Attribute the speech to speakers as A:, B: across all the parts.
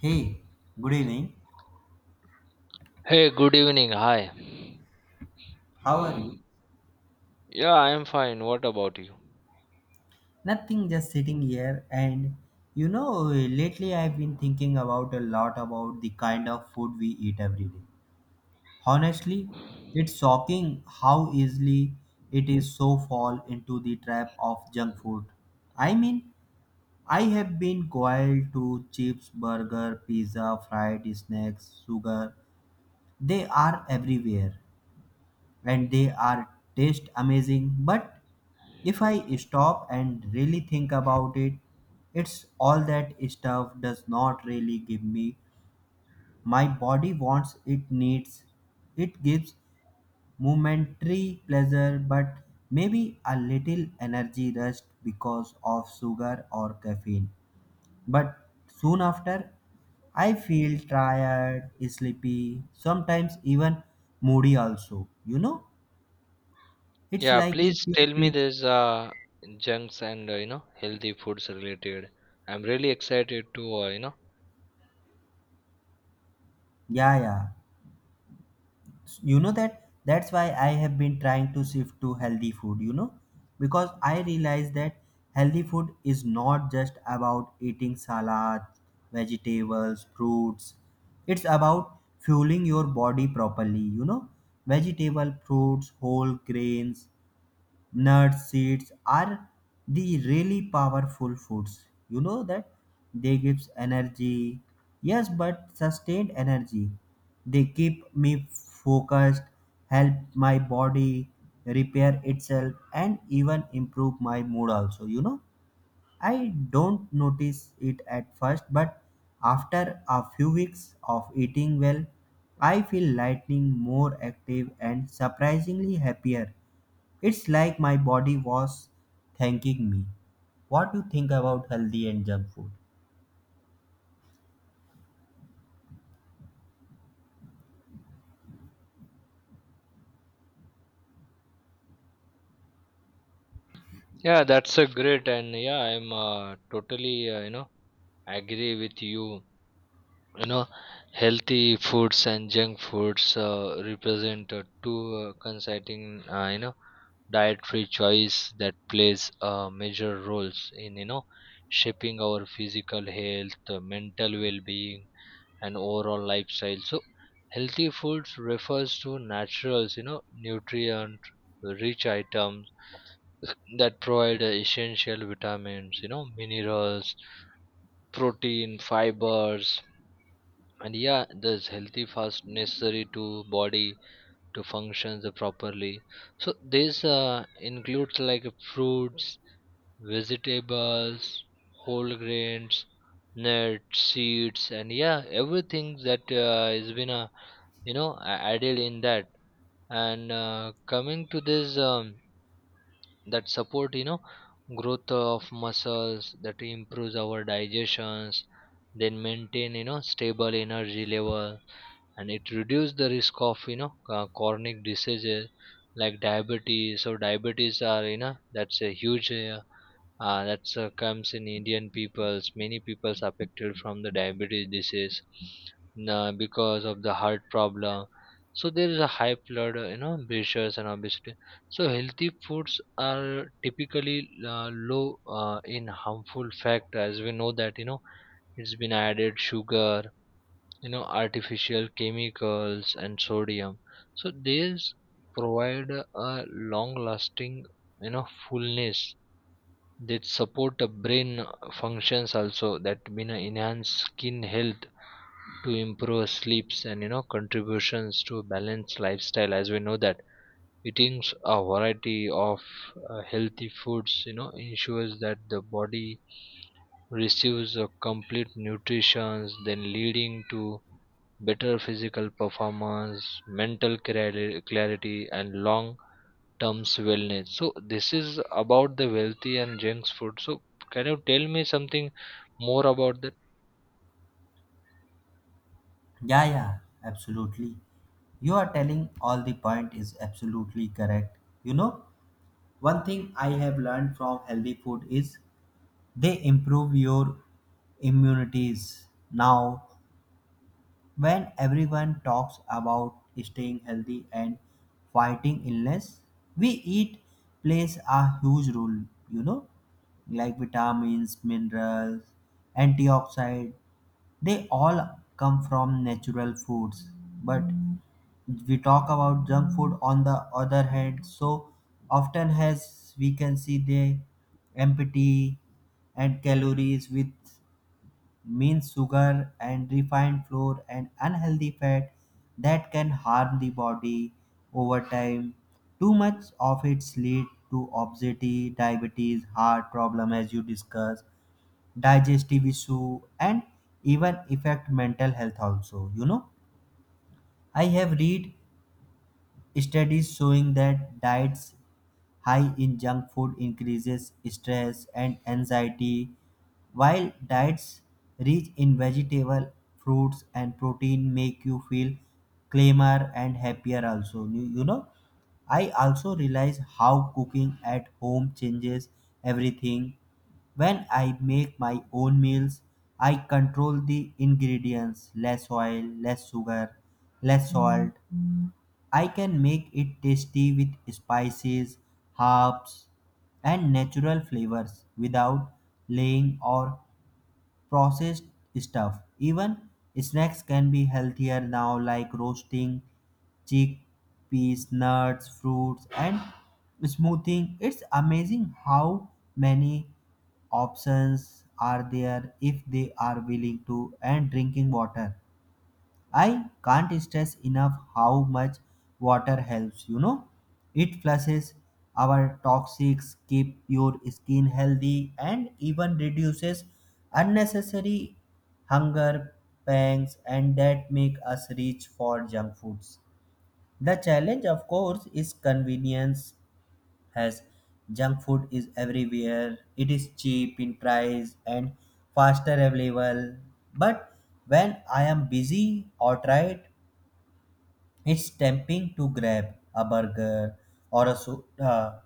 A: Hey, good evening.
B: Hey, good evening. Hi.
A: How are you?
B: Yeah, I'm fine. What about you?
A: Nothing, just sitting here. And you know, lately I've been thinking about a lot about the kind of food we eat every day. Honestly, it's shocking how easily it is so fall into the trap of junk food. I mean, I have been coiled to chips, burger, pizza, fried snacks, sugar. They are everywhere. And they are taste amazing, but if I stop and really think about it, it's all that stuff does not really give me my body wants it needs. It gives momentary pleasure, but maybe a little energy rush because of sugar or caffeine. But soon after, I feel tired, sleepy, sometimes even moody also, you know? It's
B: Yeah,
A: like if
B: please
A: you
B: tell me
A: pick,
B: this junks and healthy foods related. I'm really excited to you know.
A: yeah, yeah. That's why I have been trying to shift to healthy food, you know, because I realize that healthy food is not just about eating salad, vegetables, fruits. It's about fueling your body properly, you know, vegetable, fruits, whole grains, nuts seeds are the really powerful foods, you know, that they gives energy, yes, but sustained energy. They keep me focused, help my body repair itself, and even improve my mood also, you know. I don't notice it at first, but after a few weeks of eating well, I feel lightning more active and surprisingly happier. It's like my body was thanking me. What do you think about healthy and junk food?
B: Yeah, that's a great and yeah, I'm totally agree with you you know Healthy foods and junk foods represent two coinciding, dietary choice that plays major roles in, you know, shaping our physical health, mental well-being and overall lifestyle. So healthy foods refers to naturals, you know, nutrient rich items that provide essential vitamins, you know, minerals, protein, fibers, and yeah, this healthy fast necessary to body to functions properly. So this includes like fruits, vegetables, whole grains, nuts, seeds, and yeah, everything that has been added in that. And coming to this, that support, you know, growth of muscles, that improves our digestions, then maintain, you know, stable energy level, and it reduced the risk of, you know, chronic diseases like diabetes. So diabetes are, you know, that's a huge, that's comes in indian peoples, many peoples affected from the diabetes disease, because of the heart problem. So there is a high blood, you know, pressures and obesity. So healthy foods are typically low in harmful fat, as we know that, you know, it's been added sugar, you know, artificial chemicals and sodium. So these provide a long lasting, you know, fullness, that support the brain functions also, that mean enhance skin health, to improve sleeps and, you know, contributions to a balanced lifestyle. As we know that, eating a variety of healthy foods, you know, ensures that the body receives a complete nutrition, then leading to better physical performance, mental clarity, and long term wellness. So, this is about the wealthy and junk food. So, can you tell me something more about that?
A: Yeah, yeah, absolutely. You are telling all the point is absolutely correct. You know, one thing I have learned from healthy food is they improve your immunities. Now when everyone talks about staying healthy and fighting illness, we eat plays a huge role, you know, like vitamins, minerals, antioxidants. They all come from natural foods, but we talk about junk food on the other hand, so often has we can see the empty and calories with mean sugar and refined flour and unhealthy fat that can harm the body over time. Too much of it lead to obesity, diabetes, heart problem as you discussed, digestive issue, and even affect mental health also, you know. I have read studies showing that diets high in junk food increases stress and anxiety, while diets rich in vegetable, fruits, and protein make you feel calmer and happier. Also, I also realize how cooking at home changes everything. When I make my own meals, I control the ingredients: less oil, less sugar, less salt. I can make it tasty with spices, herbs, and natural flavors without laying or processed stuff. Even snacks can be healthier now, like roasting chickpeas, nuts, fruits, and smoothing. It's amazing how many options are there if they are willing to. And drinking water, I can't stress enough how much water helps, you know. It flushes our toxics, keep your skin healthy, and even reduces unnecessary hunger pangs and that make us reach for junk foods. The challenge of course is convenience, as junk food is everywhere. It is cheap in price and faster available. But when I am busy or tired, it's tempting to grab a burger or a soda,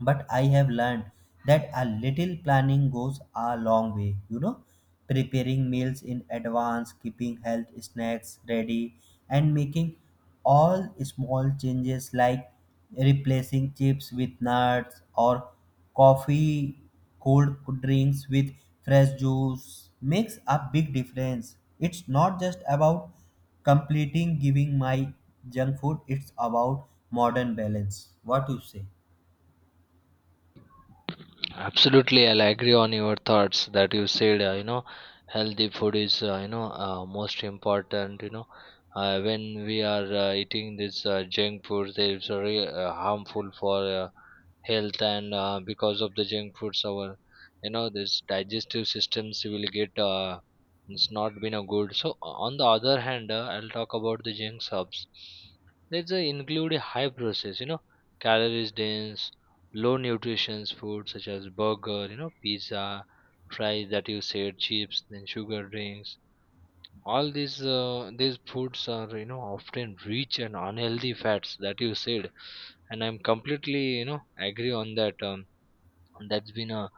A: but I have learned that a little planning goes a long way. You know, preparing meals in advance, keeping health snacks ready, and making all small changes like replacing chips with nuts, or coffee, cold drinks with fresh juice makes a big difference. It's not just about completing giving my junk food, it's about modern balance. What do you say?
B: Absolutely, I'll agree on your thoughts that you said. Healthy food is, you know, most important. You know, when we are eating this junk food, it's very harmful for. Health and because of the junk foods our, you know, this digestive systems will get, it's not been a good. So on the other hand, I'll talk about the junk subs. There's a include a high process, you know, calories dense, low nutrition foods such as burger, you know, pizza, fries that you said, chips, then sugar drinks. All these, these foods are, you know, often rich and unhealthy fats that you said, and I'm completely, you know, agree on that, that's been a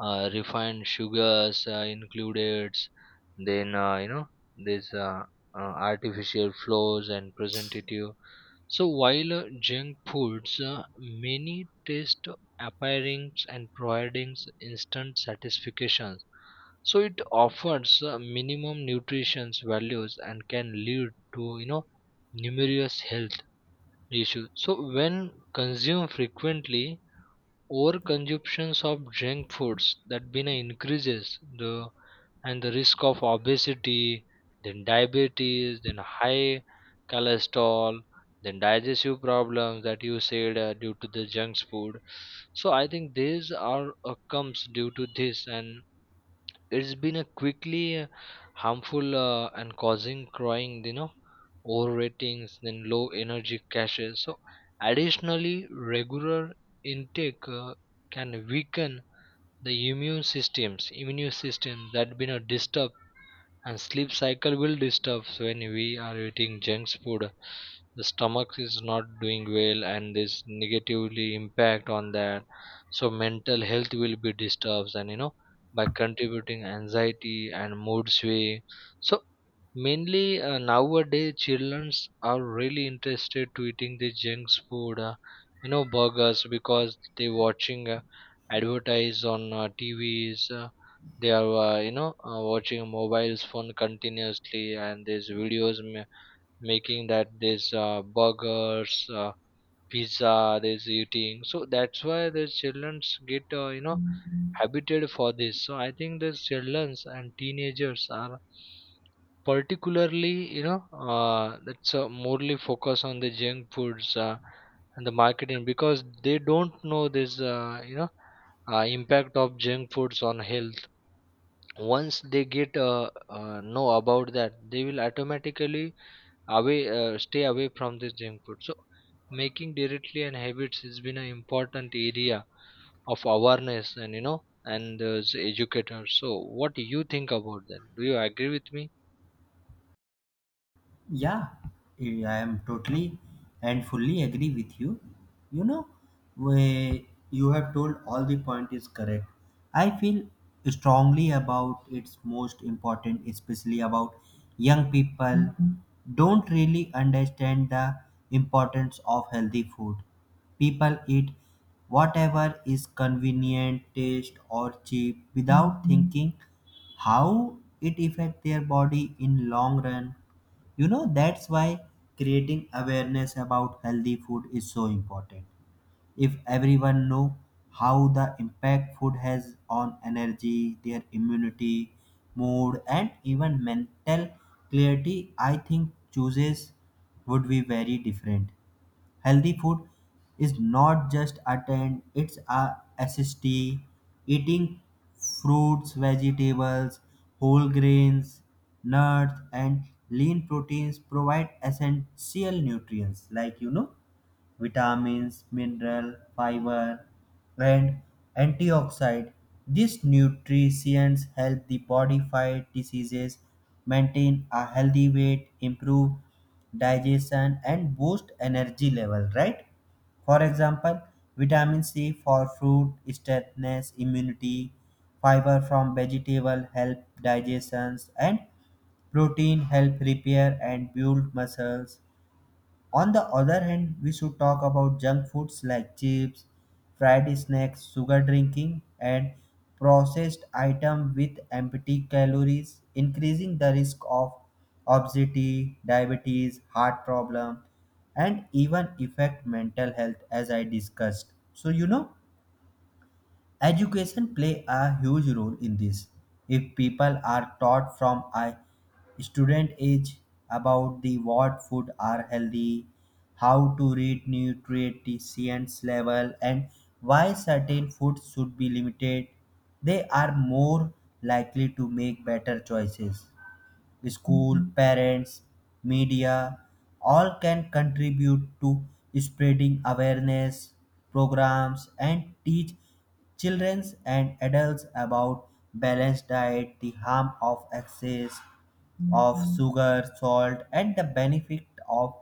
B: refined sugars included, then you know this artificial flours and preservative. So while junk foods many taste appearings and providing instant satisfaction, so it offers minimum nutrition values and can lead to, you know, numerous health issues. So when consumed frequently, overconsumptions of junk foods that been increases the and the risk of obesity, then diabetes, then high cholesterol, then digestive problems that you said, due to the junk food. So I think these are comes due to this, and it's been a quickly harmful and causing crying, you know, over ratings, then low energy caches. So additionally, regular intake, can weaken the immune systems, immune system that been a disturbed and sleep cycle will disturb. So when we are eating junk food, the stomach is not doing well and this negatively impact on that. So mental health will be disturbed and, you know, by contributing anxiety and mood swing. So mainly, nowadays, childrens are really interested to eating the junk food, you know, burgers, because they watching advertise on TVs. They are watching mobiles phone continuously, and there's videos making that there's burgers, pizza, there's eating. So that's why the childrens get habited for this. So I think the childrens and teenagers are particularly, you know, that's morely focus on the junk foods and the marketing, because they don't know this impact of junk foods on health. Once they get know about that, they will automatically away stay away from this junk food. So making directly and habits has been an important area of awareness and, you know, and educators. So what do you think about that? Do you agree with me?
A: Yeah, I am totally and fully agree with you. You know, where you have told all the point is correct. I feel strongly about it's most important, especially about young people. Mhm. Don't really understand the importance of healthy food. People eat whatever is convenient, taste or cheap without, mhm, thinking how it affect their body in long run. You know, that's why creating awareness about healthy food is so important. If everyone know how the impact food has on energy, their immunity, mood, and even mental clarity, I think choices would be very different. Healthy food is not just attend, it's a assist eating fruits, vegetables, whole grains, nuts, and lean proteins provide essential nutrients like, you know, vitamins, mineral, fiber, and antioxidant. These nutrients help the body fight diseases, maintain a healthy weight, improve digestion, and boost energy level. Right? For example, vitamin C for fruit strengthens immunity, fiber from vegetable help digestions, and protein help repair and build muscles. On the other hand, we should talk about junk foods like chips, fried snacks, sugar drinking, and processed items with empty calories, increasing the risk of obesity, diabetes, heart problem, and even affect mental health as I discussed. So, you know, education play a huge role in this. If people are taught from a student age about the what food are healthy, how to read nutrients level, and why certain foods should be limited, they are more likely to make better choices. School, parents, media, all can contribute to spreading awareness programs and teach children and adults about balanced diet, the harm of excess, of sugar, salt, and the benefit of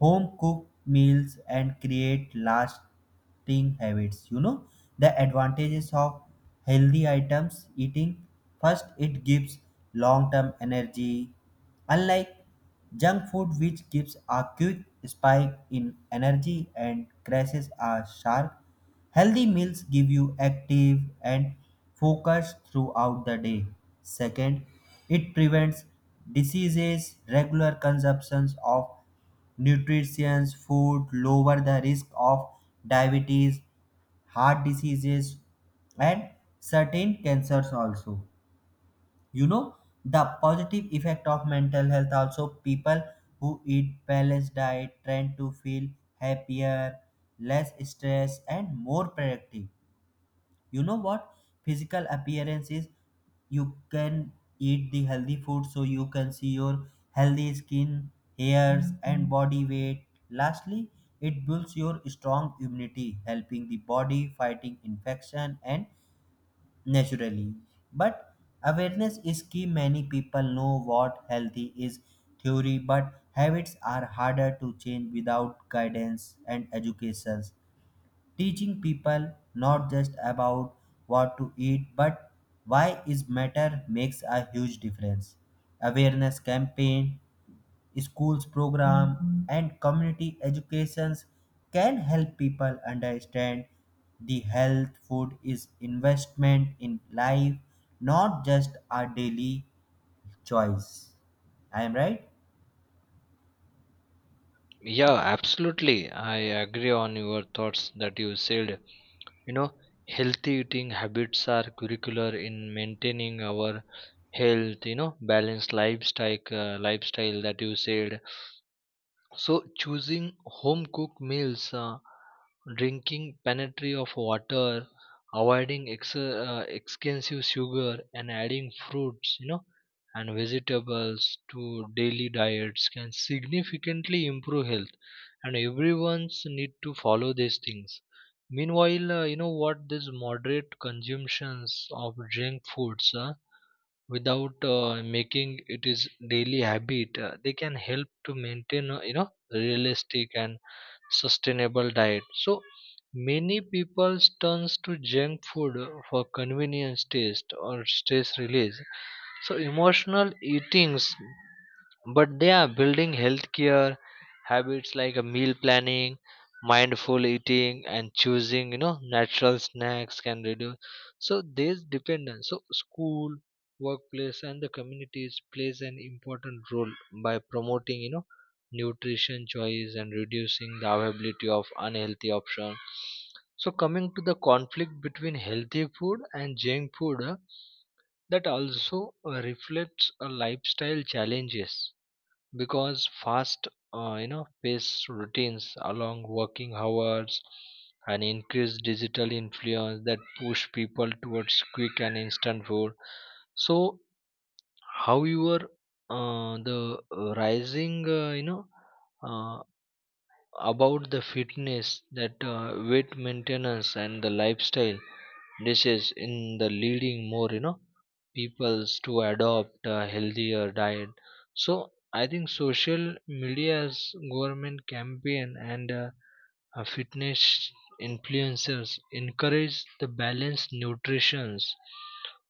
A: home cooked meals and create lasting habits. You know, the advantages of healthy items eating first, it gives long term energy, unlike junk food, which gives a quick spike in energy and crashes are sharp. Healthy meals give you active and focus throughout the day. Second, it prevents diseases. Regular consumptions of nutritious food lower the risk of diabetes, heart diseases, and certain cancers also. You know, the positive effect of mental health also, people who eat balanced diet tend to feel happier, less stressed, and more productive. You know what physical appearance is, you can eat the healthy food so you can see your healthy skin, hairs, and body weight. Lastly, it builds your strong immunity, helping the body fighting infection and naturally. But awareness is key. Many people know what healthy is theory, but habits are harder to change without guidance and educations. Teaching people not just about what to eat, but why is matter makes a huge difference. Awareness campaign, schools program, and community educations can help people understand the health food is investment in life, not just a daily choice. I am right.
B: Yeah, absolutely. I agree on your thoughts that you said. You know, healthy eating habits are curricular in maintaining our health, you know, balanced lifestyle that you said. So choosing home cooked meals, drinking plenty of water, avoiding expensive sugar, and adding fruits, you know, and vegetables to daily diets, can significantly improve health. And everyone's need to follow these things. Meanwhile, you know what? This moderate consumptions of junk foods. Without making it is daily habit, they can help to maintain, you know, realistic and sustainable diet. So many people turns to junk food for convenience, taste or stress release, so emotional eatings, but they are building healthcare habits like a meal planning, mindful eating, and choosing, you know, natural snacks, can reduce. So this dependence. So school, workplace, and the communities plays an important role by promoting, you know, nutrition choice and reducing the availability of unhealthy options. So coming to the conflict between healthy food and junk food. That also reflects a lifestyle challenges, because fast, you know, pace routines, along working hours and increased digital influence that push people towards quick and instant food. So however, the rising uh, about the fitness, that weight maintenance, and the lifestyle dishes in the leading more, you know, peoples to adopt a healthier diet. So I think social media's government campaign and, fitness influencers encourage the balanced nutritions,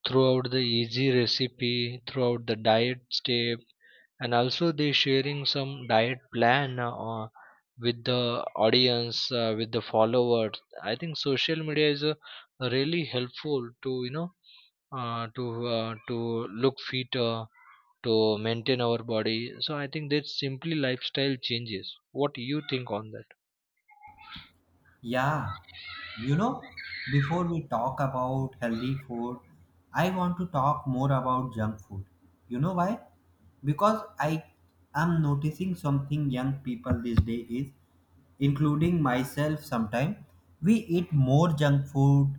B: throughout the easy recipe, throughout the diet step, and also they sharing some diet plan with the audience, with the followers. I think social media is, really helpful to, you know, uh, to to look fit, to maintain our body. So I think that's simply lifestyle changes. What do you think on that?
A: Yeah, you know, before we talk about healthy food, I want to talk more about junk food. You know why? Because I am noticing something young people these days is, including myself sometime, we eat more junk food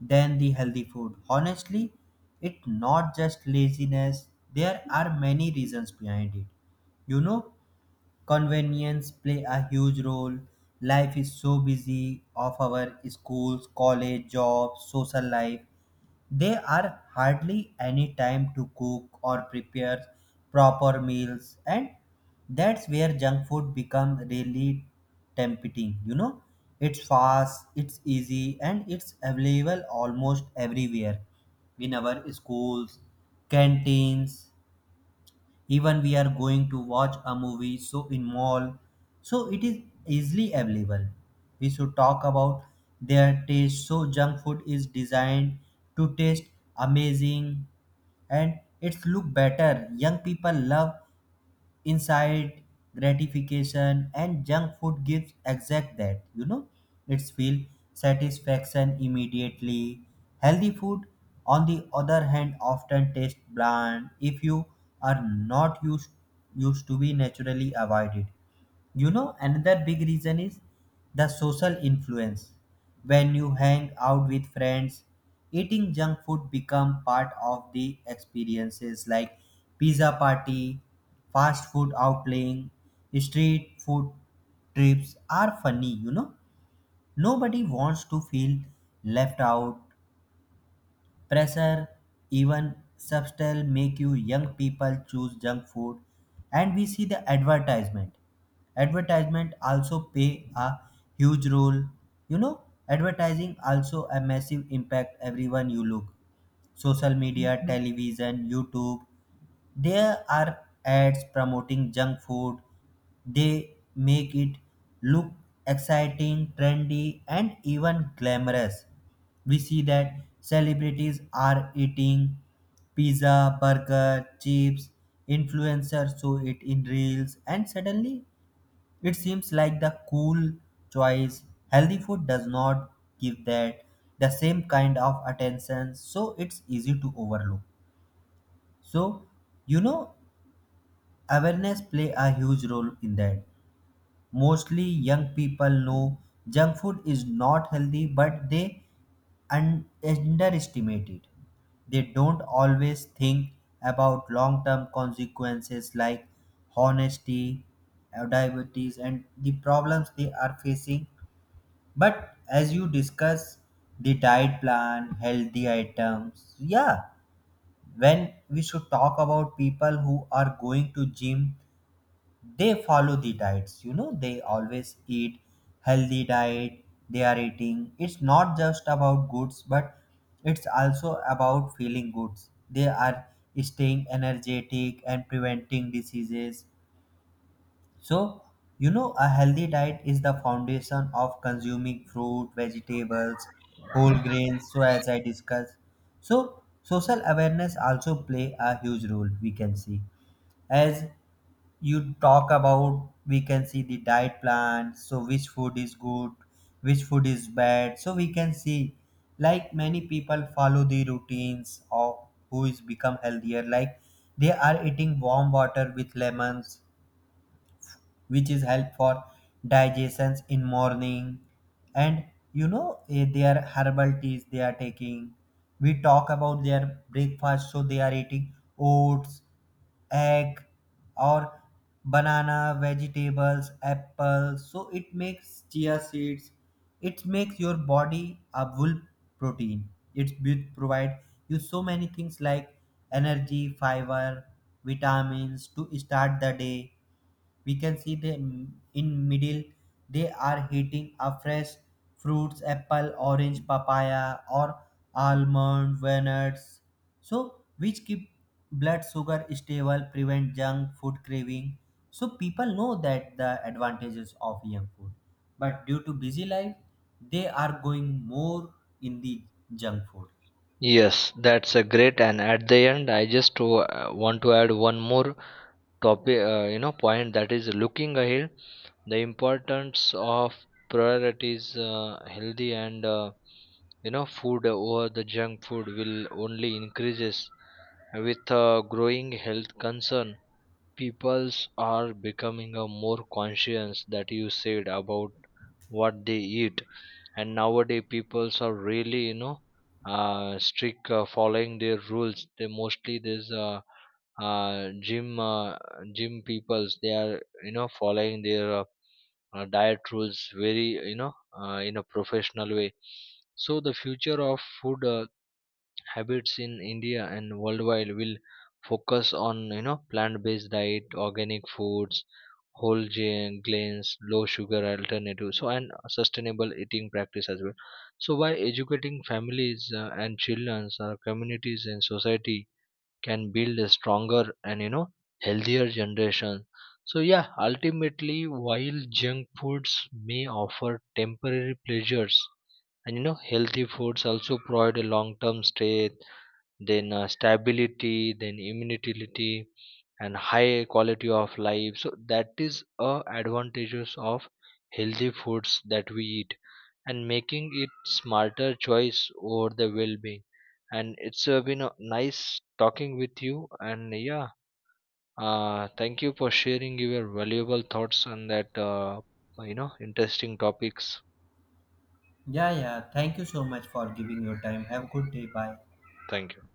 A: than the healthy food. Honestly, it's not just laziness. There are many reasons behind it. You know, convenience play a huge role. Life is so busy of our schools, college, jobs, social life. There are hardly any time to cook or prepare proper meals, and that's where junk food become really tempting. You know, it's fast, it's easy, and it's available almost everywhere, in our schools, canteens. Even we are going to watch a movie, so in mall, so it is easily available. We should talk about their taste, so junk food is designed to taste amazing and it's look better. Young people love inside gratification and junk food gives exact that, you know. It's feel satisfaction immediately. Healthy food on the other hand often taste bland if you are not used to be naturally avoided. You know, another big reason is the social influence. When you hang out with friends, eating junk food become part of the experiences like pizza party, fast food outlaying, street food trips are funny, you know. Nobody wants to feel left out. Pressure, even substance make you young people choose junk food. And we see the advertisement. Advertisement also play a huge role. You know, advertising also a massive impact everyone you look. Social media, television, YouTube, there are ads promoting junk food. They make it look exciting, trendy, and even glamorous. We see that celebrities are eating pizza, burger, chips, influencers show it in reels, and suddenly it seems like the cool choice. Healthy food does not give that the same kind of attention, so it's easy to overlook. So, you know, awareness play a huge role in that. Mostly young people know junk food is not healthy, but they underestimate it. They don't always think about long-term consequences like honesty, diabetes, and the problems they are facing. But as you discuss the diet plan, healthy items, yeah, when we should talk about people who are going to gym, they follow the diets, you know, they always eat healthy diet. They are eating, it's not just about goods, but it's also about feeling good. They are staying energetic and preventing diseases. So, you know, a healthy diet is the foundation of consuming fruit, vegetables, whole grains, so as I discussed. So social awareness also play a huge role. We can see, as you talk about, we can see the diet plan, so which food is good, which food is bad. So we can see like many people follow the routines of who is become healthier, like they are eating warm water with lemons, which is help for digestions in morning. And you know, their herbal teas they are taking. We talk about their breakfast, so they are eating oats, egg, or banana, vegetables, apple, so it makes chia seeds. It makes your body a full protein. It will provide you so many things like energy, fiber, vitamins to start the day. We can see them in middle, they are eating a fresh fruits, apple, orange, papaya, or almond, walnuts, so which keep blood sugar stable, prevent junk food craving. So people know that the advantages of young food, but due to busy life, they are going more in the junk food.
B: Yes, that's a great and at the end, I just want to add one more copy, point that is, looking ahead, the importance of priorities, healthy and, you know, food over the junk food will only increases with growing health concern. Peoples are becoming a more conscious, that you said, about what they eat. And nowadays peoples are really, you know, strict following their rules. They mostly these uh, gym uh, gym peoples, they are, you know, following their diet rules very, you know, in a professional way. So the future of food habits in india and worldwide will focus on, you know, plant-based diet, organic foods, grains, low sugar alternative. So and sustainable eating practice as well. So by educating families, and children, our communities and society, can build a stronger and, you know, healthier generation. So yeah, ultimately, while junk foods may offer temporary pleasures, and, you know, healthy foods also provide a long term stay, then stability, then immunity, and high quality of life. So that is a advantages of healthy foods that we eat, and making it smarter choice over the well-being. And it's, been a nice talking with you. And yeah, thank you for sharing your valuable thoughts on that, you know, interesting topics.
A: Yeah, yeah, thank you so much for giving your time. Have a good day. Bye.
B: Thank you.